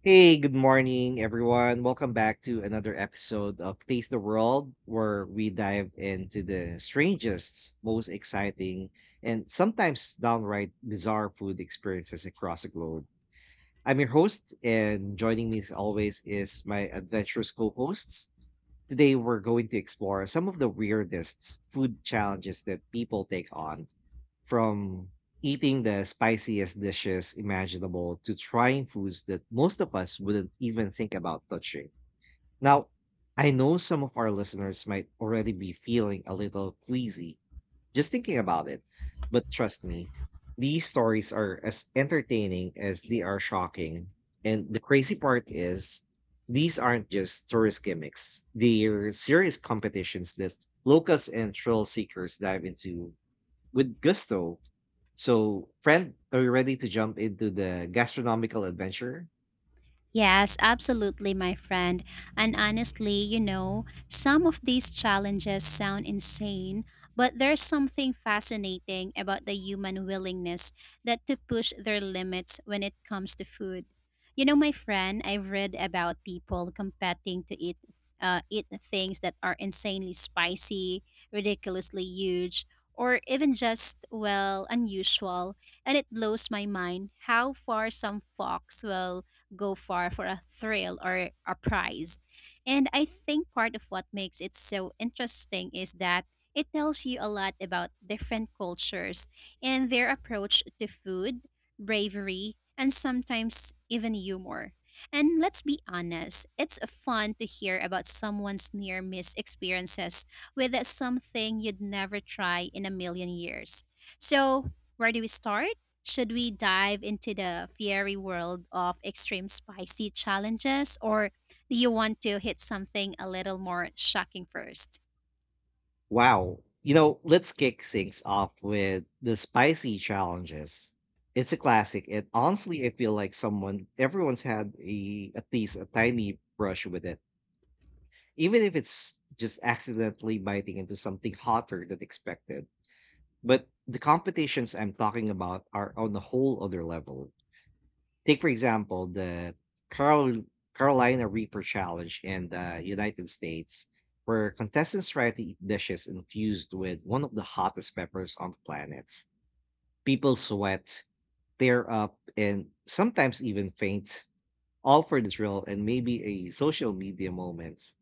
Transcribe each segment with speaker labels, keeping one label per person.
Speaker 1: Hey, good morning, everyone. Welcome back to another episode of Taste the World, where we dive into the strangest, most exciting, and sometimes downright bizarre food experiences across the globe. I'm your host, and joining me as always is my adventurous co hosts. Today, we're going to explore some of the weirdest food challenges that people take on from eating the spiciest dishes imaginable to trying foods that most of us wouldn't even think about touching. Now, I know some of our listeners might already be feeling a little queasy just thinking about it, but trust me, these stories are as entertaining as they are shocking. And the crazy part is, these aren't just tourist gimmicks. They're serious competitions that locals and thrill seekers dive into with gusto. So, friend, are you ready to jump into the gastronomical adventure?
Speaker 2: Yes, absolutely, my friend. And honestly, some of these challenges sound insane, but there's something fascinating about the human willingness that to push their limits when it comes to food. You know, my friend, I've read about people competing to eat things that are insanely spicy, ridiculously huge, or even just well unusual, and it blows my mind how far some folks will go far for a thrill or a prize. And I think part of what makes it so interesting is that it tells you a lot about different cultures and their approach to food, bravery, and sometimes even humor. And let's be honest, it's fun to hear about someone's near miss experiences with something you'd never try in a million years. So, where do we start? Should we dive into the fiery world of extreme spicy challenges, or do you want to hit something a little more shocking first?
Speaker 1: Wow. You know, let's kick things off with the spicy challenges. It's a classic, and honestly, I feel like someone everyone's had a at least a tiny brush with it, even if it's just accidentally biting into something hotter than expected. But the competitions I'm talking about are on a whole other level. Take for example the Carol Carolina Reaper Challenge in the United States, where contestants try to eat dishes infused with one of the hottest peppers on the planet. People sweat, tear up, and sometimes even faint, all for the thrill and maybe a social media moment.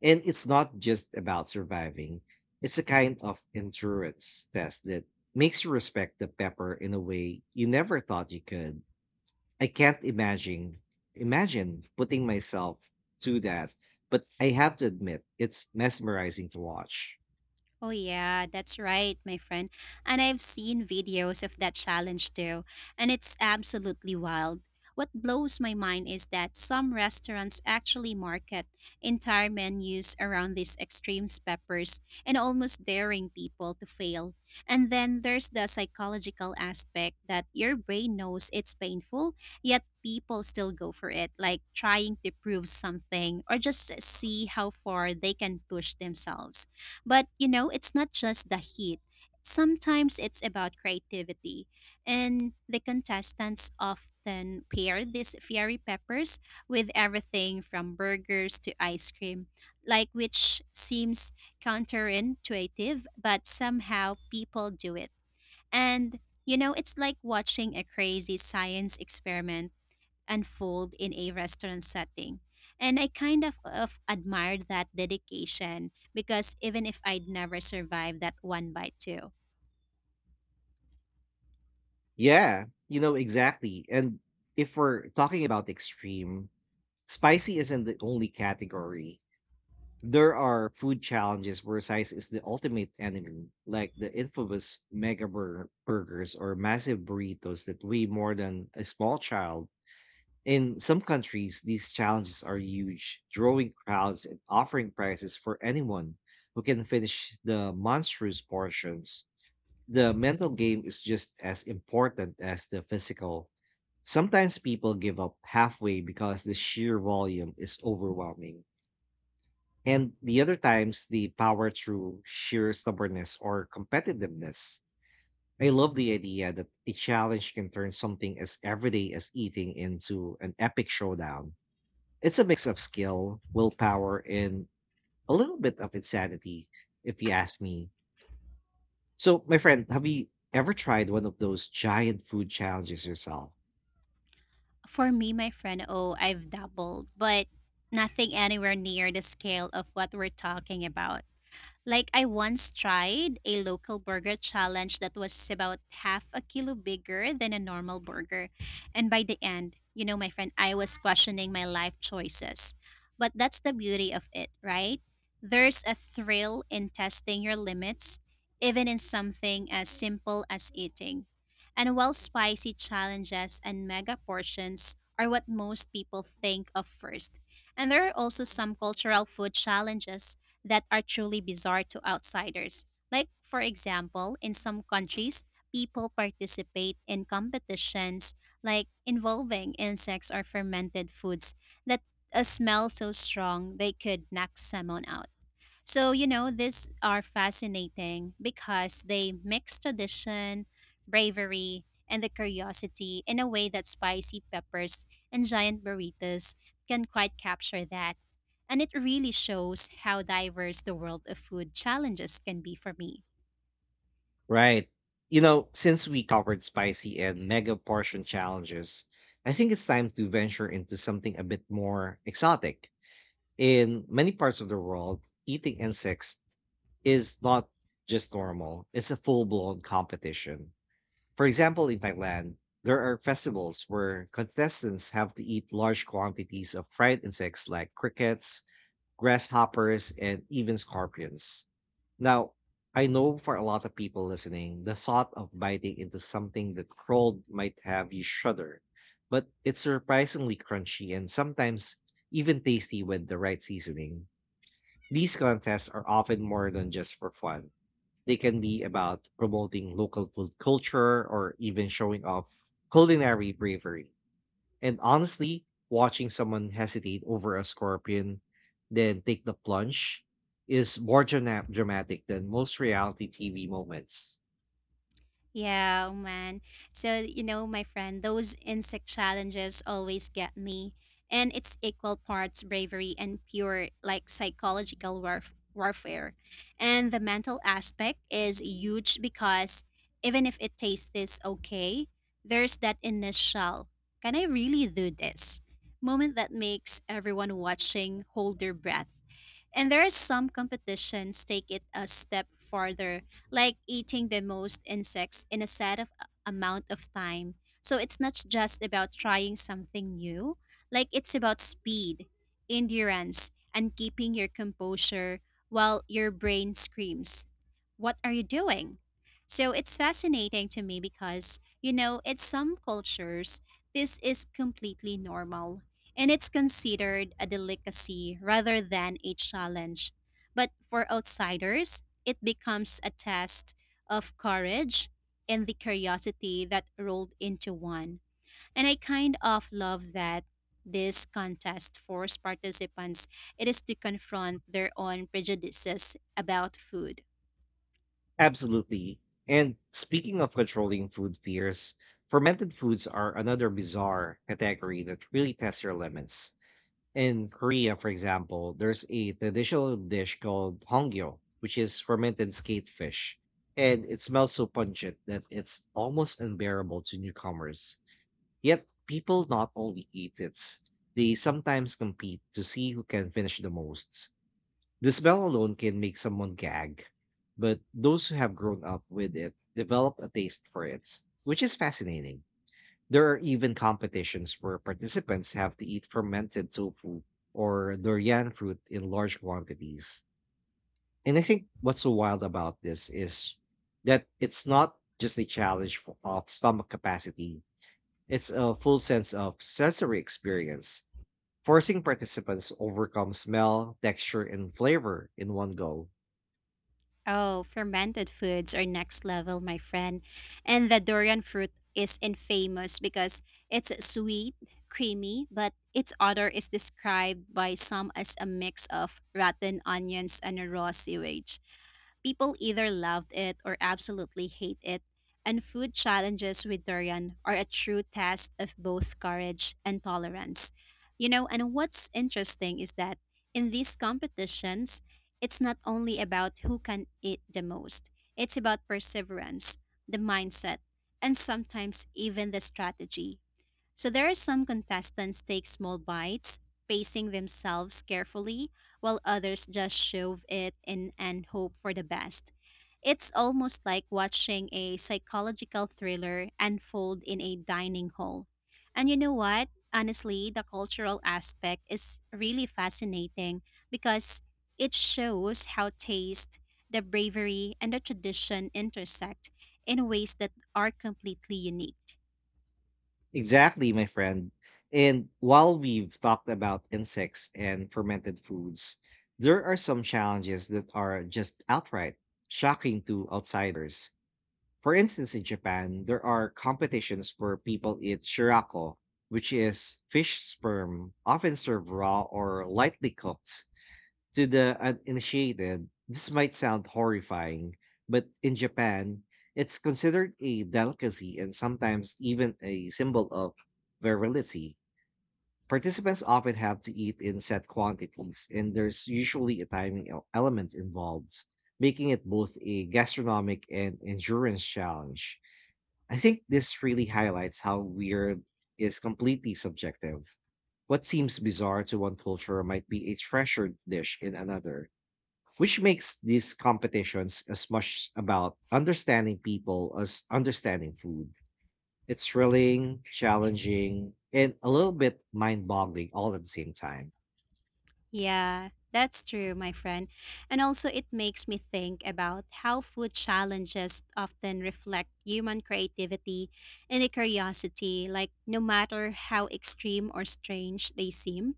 Speaker 1: And it's not just about surviving; it's a kind of endurance test that makes you respect the pepper in a way you never thought you could. I can't imagine putting myself to that, but I have to admit it's mesmerizing to watch.
Speaker 2: Oh, yeah, that's right, my friend. And I've seen videos of that challenge too, and it's absolutely wild. What blows my mind is that some restaurants actually market entire menus around these extreme peppers and almost daring people to fail. And then there's the psychological aspect that your brain knows it's painful, yet people still go for it, like trying to prove something or just see how far they can push themselves. But you know, it's not just the heat. Sometimes it's about creativity. And the contestants often pair these fiery peppers with everything from burgers to ice cream, like which seems counterintuitive, but somehow people do it. And it's like watching a crazy science experiment unfold in a restaurant setting. And I kind of admired that dedication because even if I'd never survived that one bite too.
Speaker 1: Yeah, you know exactly. And if we're talking about extreme, spicy isn't the only category. There are food challenges where size is the ultimate enemy, like the infamous burgers or massive burritos that weigh more than a small child. In some countries, these challenges are huge, drawing crowds and offering prizes for anyone who can finish the monstrous portions. The mental game is just as important as the physical. Sometimes people give up halfway because the sheer volume is overwhelming. And the other times, they power through sheer stubbornness or competitiveness. I love the idea that a challenge can turn something as everyday as eating into an epic showdown. It's a mix of skill, willpower, and a little bit of insanity, if you ask me. So, my friend, have you ever tried one of those giant food challenges yourself?
Speaker 2: For me, my friend, oh, I've doubled, but nothing anywhere near the scale of what we're talking about. Like I once tried a local burger challenge that was about half a kilo bigger than a normal burger. And by the end, my friend, I was questioning my life choices. But that's the beauty of it, right? There's a thrill in testing your limits, even in something as simple as eating. And while spicy challenges and mega portions are what most people think of first, and there are also some cultural food challenges that are truly bizarre to outsiders. Like, for example, in some countries, people participate in competitions like involving insects or fermented foods that a smell so strong they could knock someone out. So, these are fascinating because they mix tradition, bravery, and the curiosity in a way that spicy peppers and giant burritos can quite capture that. And it really shows how diverse the world of food challenges can be for me.
Speaker 1: Right. You know, since we covered spicy and mega portion challenges, I think it's time to venture into something a bit more exotic. In many parts of the world, eating insects is not just normal, it's a full blown competition. For example, in Thailand, there are festivals where contestants have to eat large quantities of fried insects like crickets, grasshoppers, and even scorpions. Now, I know for a lot of people listening, the thought of biting into something that crawled might have you shudder, but it's surprisingly crunchy and sometimes even tasty with the right seasoning. These contests are often more than just for fun. They can be about promoting local food culture or even showing off culinary bravery. And honestly, watching someone hesitate over a scorpion, then take the plunge, is more dramatic than most reality TV moments.
Speaker 2: Yeah, oh man. So, my friend, those insect challenges always get me. And it's equal parts bravery and pure, like, psychological warfare. And the mental aspect is huge because even if it tastes this okay, there's that initial, can I really do this? Moment that makes everyone watching hold their breath. And there are some competitions take it a step farther like eating the most insects in a set of amount of time. So it's not just about trying something new, like it's about speed, endurance, and keeping your composure while your brain screams, "What are you doing?" So it's fascinating to me because, in some cultures, this is completely normal and it's considered a delicacy rather than a challenge. But for outsiders, it becomes a test of courage and the curiosity that rolled into one. And I kind of love that this contest forced participants it is to confront their own prejudices about food.
Speaker 1: Absolutely. And speaking of controlling food fears, fermented foods are another bizarre category that really tests your limits. In Korea, for example, there's a traditional dish called hongyo, which is fermented skate fish, and it smells so pungent that it's almost unbearable to newcomers. Yet, people not only eat it, they sometimes compete to see who can finish the most. The smell alone can make someone gag, but those who have grown up with it develop a taste for it, which is fascinating. There are even competitions where participants have to eat fermented tofu or durian fruit in large quantities. And I think what's so wild about this is that it's not just a challenge for, of stomach capacity, it's a full sense of sensory experience, forcing participants to overcome smell, texture, and flavor in one go.
Speaker 2: Oh, fermented foods are next level, my friend. And the durian fruit is infamous because it's sweet, creamy, but its odor is described by some as a mix of rotten onions and raw sewage. People either loved it or absolutely hate it. And food challenges with durian are a true test of both courage and tolerance. You know, and what's interesting is that in these competitions, it's not only about who can eat the most, it's about perseverance, the mindset, and sometimes even the strategy. So there are some contestants take small bites, pacing themselves carefully, while others just shove it in and hope for the best. It's almost like watching a psychological thriller unfold in a dining hall. And you know what? Honestly, the cultural aspect is really fascinating because it shows how taste, the bravery, and the tradition intersect in ways that are completely unique.
Speaker 1: Exactly, my friend. And while we've talked about insects and fermented foods, there are some challenges that are just outright shocking to outsiders. For instance, in Japan, there are competitions where people eat shirako, which is fish sperm, often served raw or lightly cooked. To the uninitiated, this might sound horrifying, but in Japan, it's considered a delicacy and sometimes even a symbol of virility. Participants often have to eat in set quantities, and there's usually a timing element involved, making it both a gastronomic and endurance challenge. I think this really highlights how weird is completely subjective. What seems bizarre to one culture might be a treasured dish in another, which makes these competitions as much about understanding people as understanding food. It's thrilling, challenging, and a little bit mind boggling all at the same time.
Speaker 2: Yeah, that's true, my friend. And also, it makes me think about how food challenges often reflect human creativity and a curiosity, like no matter how extreme or strange they seem.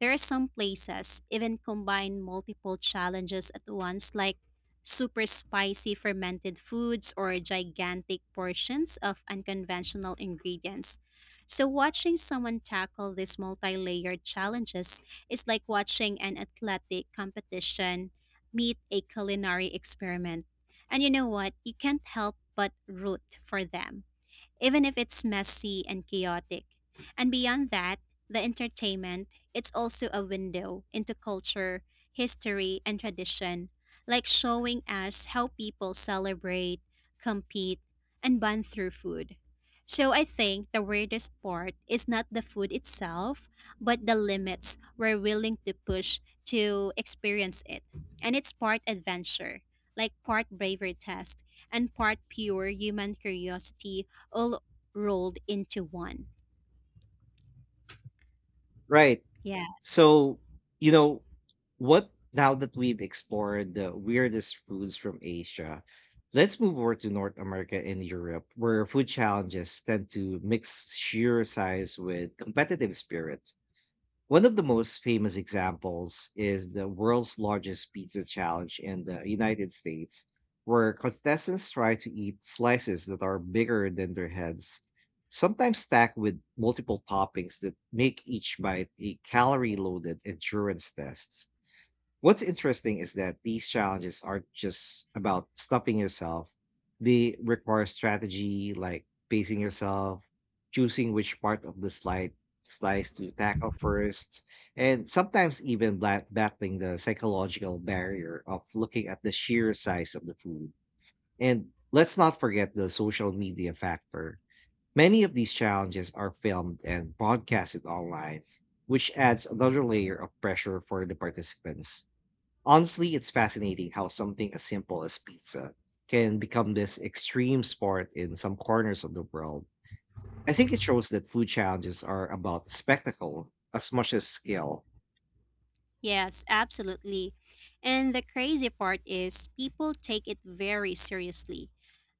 Speaker 2: There are some places even combine multiple challenges at once like super spicy fermented foods or gigantic portions of unconventional ingredients. So watching someone tackle these multi-layered challenges is like watching an athletic competition meet a culinary experiment. And you know what? You can't help but root for them even if it's messy and chaotic. And beyond that, the entertainment, it's also a window into culture, history, and tradition, like showing us how people celebrate, compete, and bond through food. So I think the weirdest part is not the food itself, but the limits we're willing to push to experience it. And it's part adventure, like part bravery test, and part pure human curiosity all rolled into one.
Speaker 1: Right.
Speaker 2: Yeah.
Speaker 1: So, you know, what now that we've explored the weirdest foods from Asia, let's move over to North America and Europe, where food challenges tend to mix sheer size with competitive spirit. One of the most famous examples is the world's largest pizza challenge in the United States, where contestants try to eat slices that are bigger than their heads, sometimes stacked with multiple toppings that make each bite a calorie loaded endurance test. What's interesting is that these challenges aren't just about stopping yourself. They require strategy like pacing yourself, choosing which part of the slide slice to tackle first, and sometimes even battling the psychological barrier of looking at the sheer size of the food. And let's not forget the social media factor. Many of these challenges are filmed and broadcasted online, which adds another layer of pressure for the participants. Honestly, it's fascinating how something as simple as pizza can become this extreme sport in some corners of the world. I think it shows that food challenges are about spectacle as much as skill.
Speaker 2: Yes, absolutely. And the crazy part is people take it very seriously.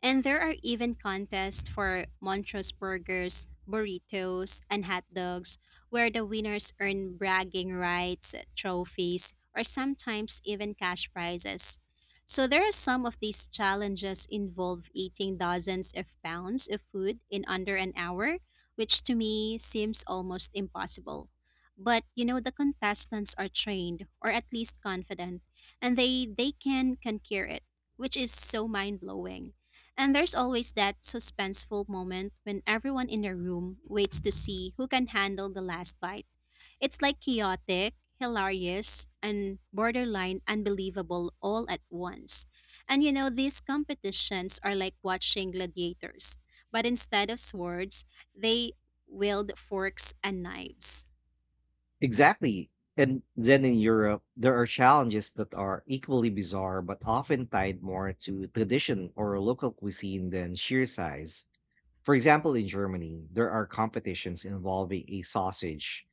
Speaker 2: And there are even contests for Montrose burgers, burritos, and hot dogs where the winners earn bragging rights, trophies, or sometimes even cash prizes. So there are some of these challenges involve eating dozens of pounds of food in under an hour, which to me seems almost impossible, but you know the contestants are trained or at least confident, and they can conquer it, which is so mind-blowing. And there's always that suspenseful moment when everyone in the room waits to see who can handle the last bite. It's like chaotic, hilarious, and borderline unbelievable all at once. And you know, these competitions are like watching gladiators, but instead of swords, they wield forks and knives.
Speaker 1: Exactly. And then in Europe, there are challenges that are equally bizarre but often tied more to tradition or local cuisine than sheer size. For example, in Germany, there are competitions involving a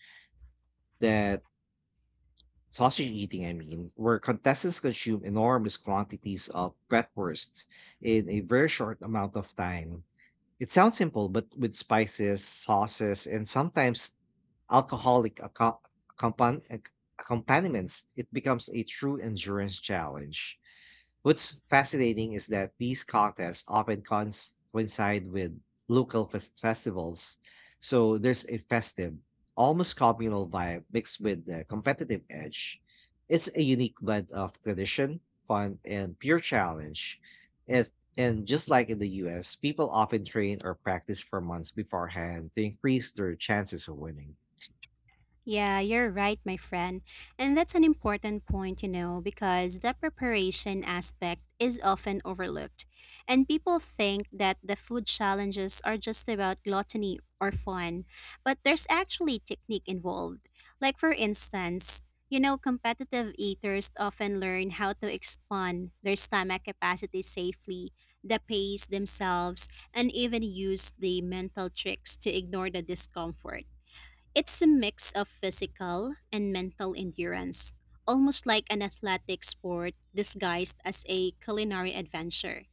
Speaker 1: that sausage eating, I mean, where contestants consume enormous quantities of bratwurst in a very short amount of time. It sounds simple, but with spices, sauces, and sometimes alcoholic acco- accompan- ac- accompaniments, it becomes a true endurance challenge. What's fascinating is that these contests often coincide with local festivals. So there's a festive, almost communal vibe mixed with the competitive edge. It's a unique blend of tradition, fun, and pure challenge. And just like in the US, people often train or practice for months beforehand to increase their chances of winning.
Speaker 2: Yeah, you're right, my friend. And that's an important point, because the preparation aspect is often overlooked. And people think that the food challenges are just about gluttony or fun, but there's actually technique involved. Like, for instance, competitive eaters often learn how to expand their stomach capacity safely, the pace themselves, and even use the mental tricks to ignore the discomfort. It's a mix of physical and mental endurance, almost like an athletic sport disguised as a culinary adventure.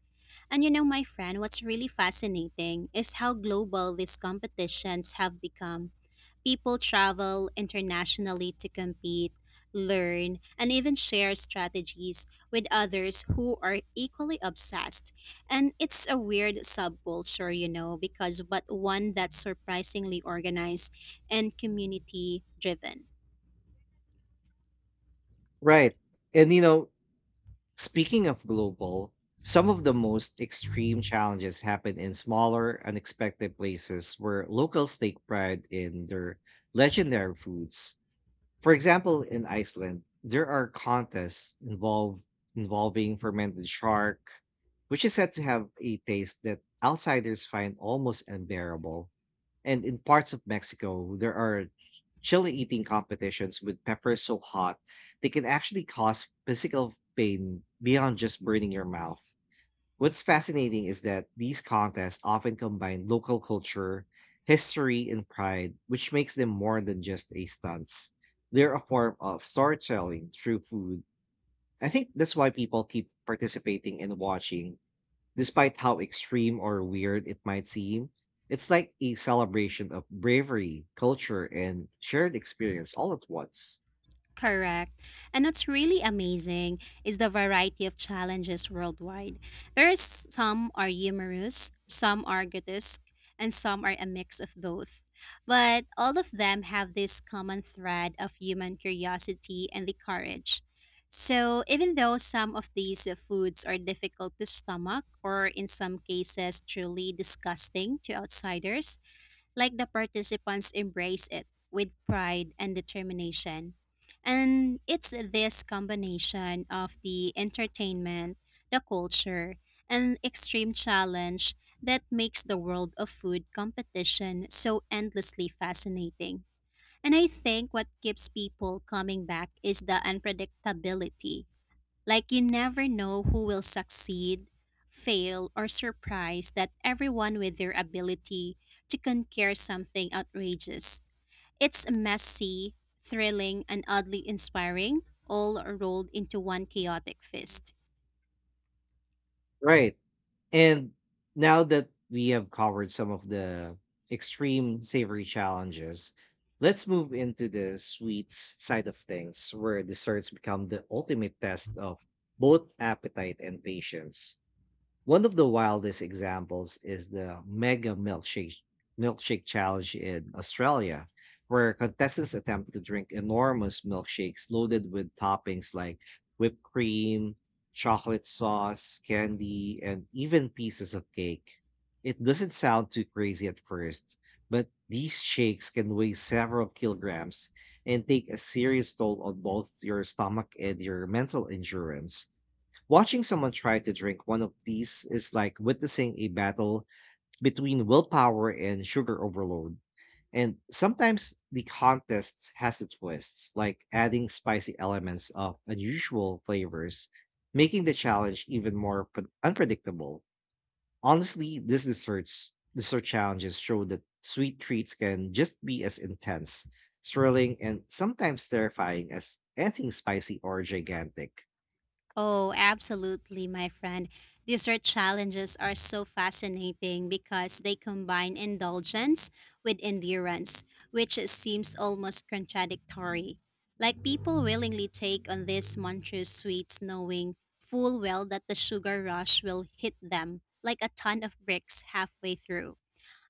Speaker 2: And my friend, what's really fascinating is how global these competitions have become. People travel internationally to compete, learn, and even share strategies with others who are equally obsessed. And it's a weird subculture, because but one that's surprisingly organized and community driven.
Speaker 1: Right. And you know, speaking of global, some of the most extreme challenges happen in smaller, unexpected places where locals take pride in their legendary foods. For example, in Iceland, there are contests involved involving fermented shark, which is said to have a taste that outsiders find almost unbearable. And in parts of Mexico, there are chili eating competitions with peppers so hot they can actually cause physical pain beyond just burning your mouth. What's fascinating is that these contests often combine local culture, history, and pride, which makes them more than just a stunts. They're a form of storytelling through food. I think that's why people keep participating and watching. Despite how extreme or weird it might seem, it's like a celebration of bravery, culture, and shared experience all at once.
Speaker 2: Correct. And what's really amazing is the variety of challenges worldwide. There is some are humorous, some are grotesque, and some are a mix of both. But all of them have this common thread of human curiosity and the courage. So even though some of these foods are difficult to stomach or in some cases truly disgusting to outsiders, like the participants embrace it with pride and determination. And it's this combination of the entertainment, the culture, and extreme challenge that makes the world of food competition so endlessly fascinating. And I think what keeps people coming back is the unpredictability, like you never know who will succeed, fail, or surprise that everyone with their ability to conquer something outrageous. It's messy, thrilling, and oddly inspiring, all rolled into one chaotic fist.
Speaker 1: Right. And now that we have covered some of the extreme savory challenges, let's move into the sweets side of things, where desserts become the ultimate test of both appetite and patience. One of the wildest examples is the Mega Milkshake Milkshake Challenge in Australia, where contestants attempt to drink enormous milkshakes loaded with toppings like whipped cream, chocolate sauce, candy, and even pieces of cake. It doesn't sound too crazy at first, but these shakes can weigh several kilograms and take a serious toll on both your stomach and your mental endurance. Watching someone try to drink one of these is like witnessing a battle between willpower and sugar overload. And sometimes the contest has its twists, like adding spicy elements of unusual flavors, making the challenge even more unpredictable. Honestly, these dessert challenges show that sweet treats can just be as intense, thrilling, and sometimes terrifying as anything spicy or gigantic.
Speaker 2: Oh, absolutely, my friend. Dessert challenges are so fascinating because they combine indulgence with endurance, which seems almost contradictory. Like people willingly take on these monstrous sweets knowing full well that the sugar rush will hit them like a ton of bricks halfway through.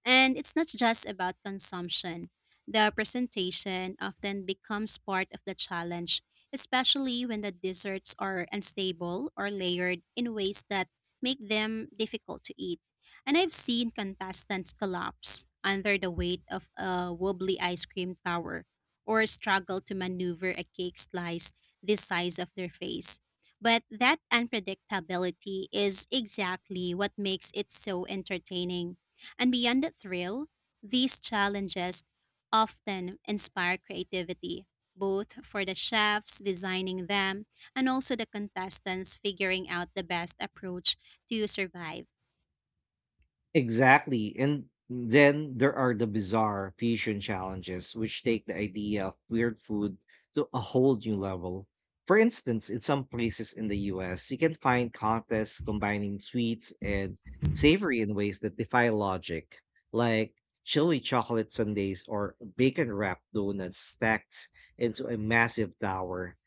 Speaker 2: And it's not just about consumption. The presentation often becomes part of the challenge, especially when the desserts are unstable or layered in ways that make them difficult to eat. And I've seen contestants collapse under the weight of a wobbly ice cream tower or struggle to maneuver a cake slice the size of their face. But that unpredictability is exactly what makes it so entertaining, and beyond the thrill, these challenges often inspire creativity, both for the chefs designing them and also the contestants figuring out the best approach to survive.
Speaker 1: Exactly. And then there are the bizarre fusion challenges, which take the idea of weird food to a whole new level. For instance, in some places in the US, you can find contests combining sweets and savory in ways that defy logic, like chili chocolate sundaes or bacon wrapped donuts stacked into a massive tower.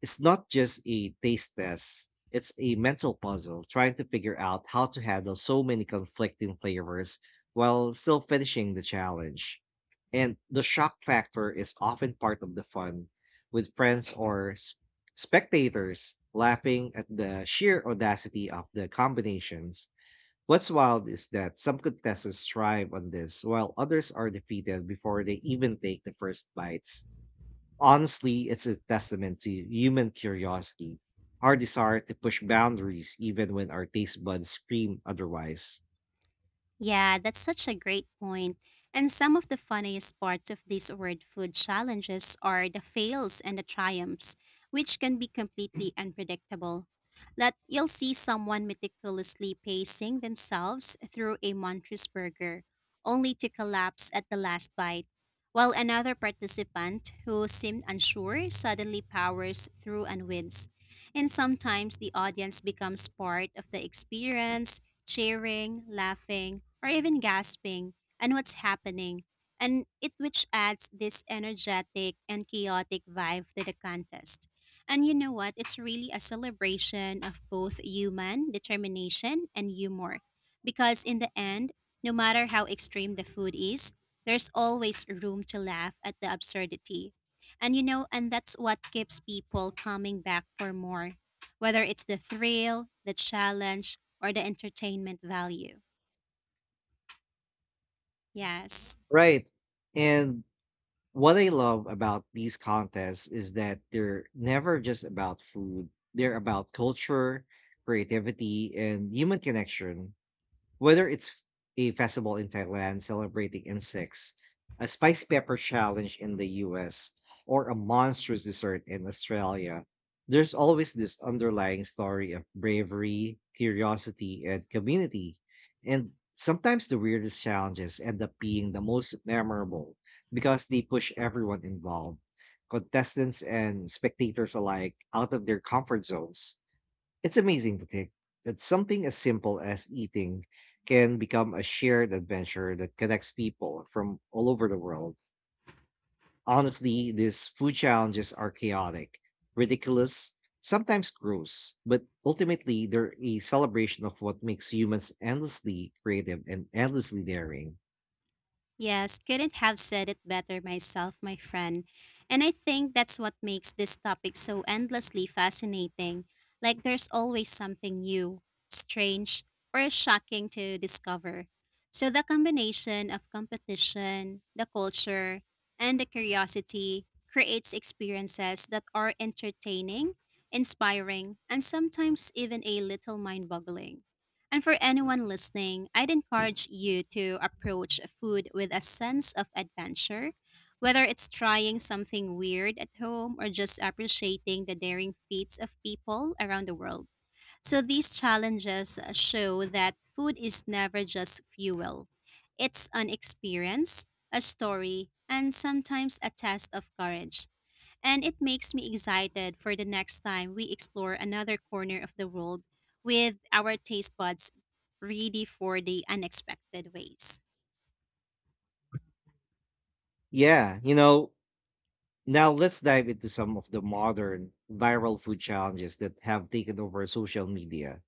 Speaker 1: It's not just a taste test, it's a mental puzzle trying to figure out how to handle so many conflicting flavors while still finishing the challenge. And the shock factor is often part of the fun, with spectators laughing at the sheer audacity of the combinations. What's wild is that some contestants thrive on this, while others are defeated before they even take the first bites. Honestly, it's a testament to human curiosity, our desire to push boundaries even when our taste buds scream otherwise.
Speaker 2: Yeah, that's such a great point. And some of the funniest parts of these word food challenges are the fails and the triumphs, which can be completely unpredictable. That you'll see someone meticulously pacing themselves through a monstrous burger, only to collapse at the last bite, while another participant who seemed unsure suddenly powers through and wins. And sometimes the audience becomes part of the experience cheering, laughing, or even gasping, and what's happening, and it which adds this energetic and chaotic vibe to the contest. And you know what? It's really a celebration of both human determination and humor. Because in the end, no matter how extreme the food is, there's always room to laugh at the absurdity. And that's what keeps people coming back for more. Whether it's the thrill, the challenge, or the entertainment value. Yes.
Speaker 1: Right. And what I love about these contests is that they're never just about food, they're about culture, creativity, and human connection. Whether it's a festival in Thailand celebrating insects, a spicy pepper challenge in the US, or a monstrous dessert in Australia, there's always this underlying story of bravery, curiosity, and community. And sometimes the weirdest challenges end up being the most memorable because they push everyone involved, contestants and spectators alike, out of their comfort zones. It's amazing to think that something as simple as eating can become a shared adventure that connects people from all over the world. Honestly, these food challenges are chaotic, ridiculous, sometimes gross, but ultimately they're a celebration of what makes humans endlessly creative and endlessly daring.
Speaker 2: Yes, couldn't have said it better myself, my friend. And I think that's what makes this topic so endlessly fascinating. Like there's always something new, strange, or shocking to discover. So the combination of competition, the culture, and the curiosity creates experiences that are entertaining, inspiring, and sometimes even a little mind boggling. And for anyone listening, I'd encourage you to approach food with a sense of adventure, whether it's trying something weird at home or just appreciating the daring feats of people around the world. So these challenges show that food is never just fuel, it's an experience, a story, and sometimes a test of courage, and it makes me excited for the next time we explore another corner of the world with our taste buds ready for the unexpected ways.
Speaker 1: Yeah, you know, now let's dive into some of the modern viral food challenges that have taken over social media.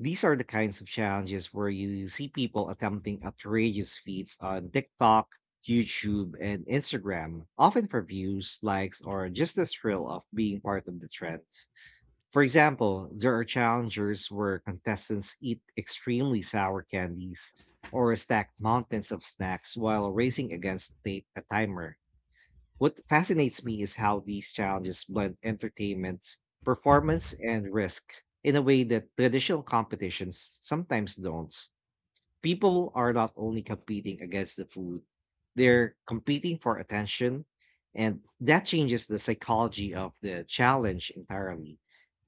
Speaker 1: These are the kinds of challenges where you see people attempting outrageous feats on TikTok, YouTube, and Instagram, often for views, likes, or just the thrill of being part of the trend. For example, there are challengers where contestants eat extremely sour candies or stack mountains of snacks while racing against a timer. What fascinates me is how these challenges blend entertainment, performance, and risk in a way that traditional competitions sometimes don't. People are not only competing against the food, they're competing for attention, and that changes the psychology of the challenge entirely.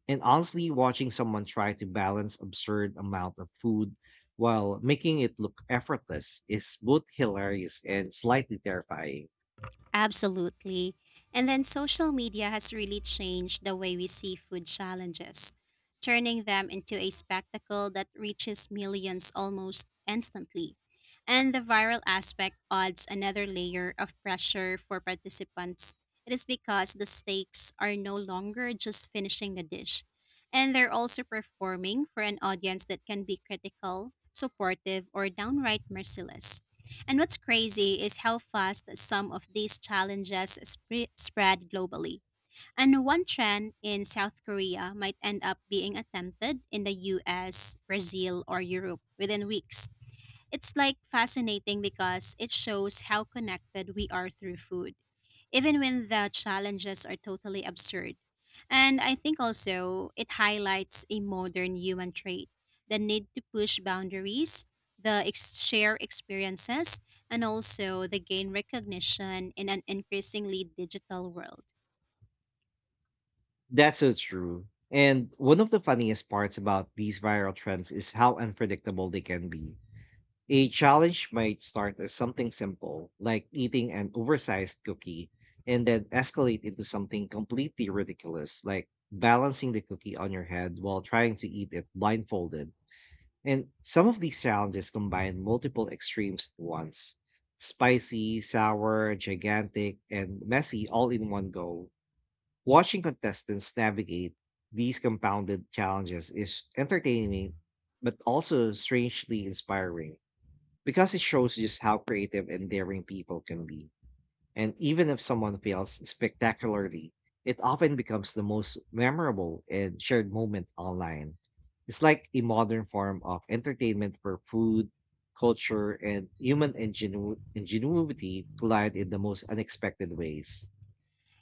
Speaker 1: And honestly, watching someone try to balance absurd amount of food while making it look effortless is both hilarious and slightly terrifying.
Speaker 2: Absolutely. And then social media has really changed the way we see food challenges, turning them into a spectacle that reaches millions almost instantly. And the viral aspect adds another layer of pressure for participants. It is because the stakes are no longer just finishing the dish, and they're also performing for an audience that can be critical, supportive, or downright merciless. And what's crazy is how fast some of these challenges spread globally. And one trend in South Korea might end up being attempted in the US, Brazil, or Europe within weeks. It's like fascinating because it shows how connected we are through food, even when the challenges are totally absurd. And I think also it highlights a modern human trait, the need to push boundaries, the share experiences, and also the gain recognition in an increasingly digital world.
Speaker 1: That's so true. And one of the funniest parts about these viral trends is how unpredictable they can be. A challenge might start as something simple, like eating an oversized cookie, and then escalate into something completely ridiculous, like balancing the cookie on your head while trying to eat it blindfolded. And some of these challenges combine multiple extremes at once: spicy, sour, gigantic, and messy all in one go. Watching contestants navigate these compounded challenges is entertaining, but also strangely inspiring because it shows just how creative and daring people can be. And even if someone fails spectacularly, it often becomes the most memorable and shared moment online. It's like a modern form of entertainment where food, culture, and human ingenuity collide in the most unexpected ways.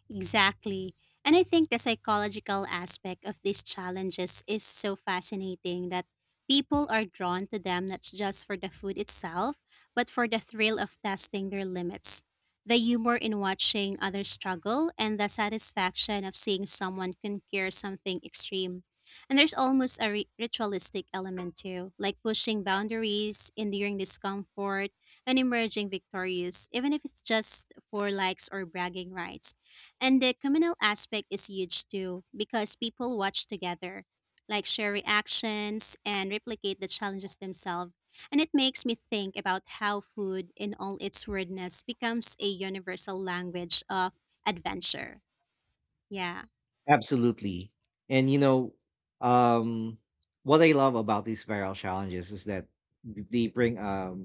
Speaker 2: Exactly. And I think the psychological aspect of these challenges is so fascinating that people are drawn to them not just for the food itself, but for the thrill of testing their limits. The humor in watching others struggle and the satisfaction of seeing someone conquer something extreme. And there's almost a ritualistic element too, like pushing boundaries, enduring discomfort, and emerging victorious, even if it's just for likes or bragging rights. And the communal aspect is huge too, because people watch together, like share reactions and replicate the challenges themselves. And it makes me think about how food, in all its weirdness, becomes a universal language of adventure. Yeah,
Speaker 1: Absolutely. And you know, um, what I love about these viral challenges is that they bring a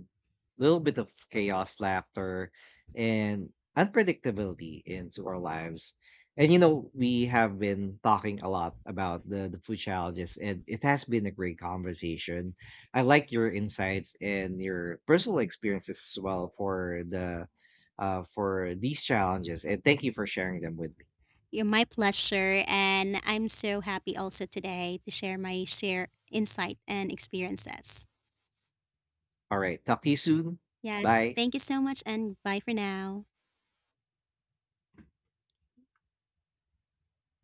Speaker 1: little bit of chaos, laughter, and unpredictability into our lives. And you know, we have been talking a lot about the food challenges, and it has been a great conversation. I like your insights and your personal experiences as well for the for these challenges, and thank you for sharing them with me.
Speaker 2: you're my pleasure. And I'm so happy also today to share my share insight and experiences.
Speaker 1: All right. Talk to you soon.
Speaker 2: Yes,
Speaker 1: Bye.
Speaker 2: thank you so much, and bye for now.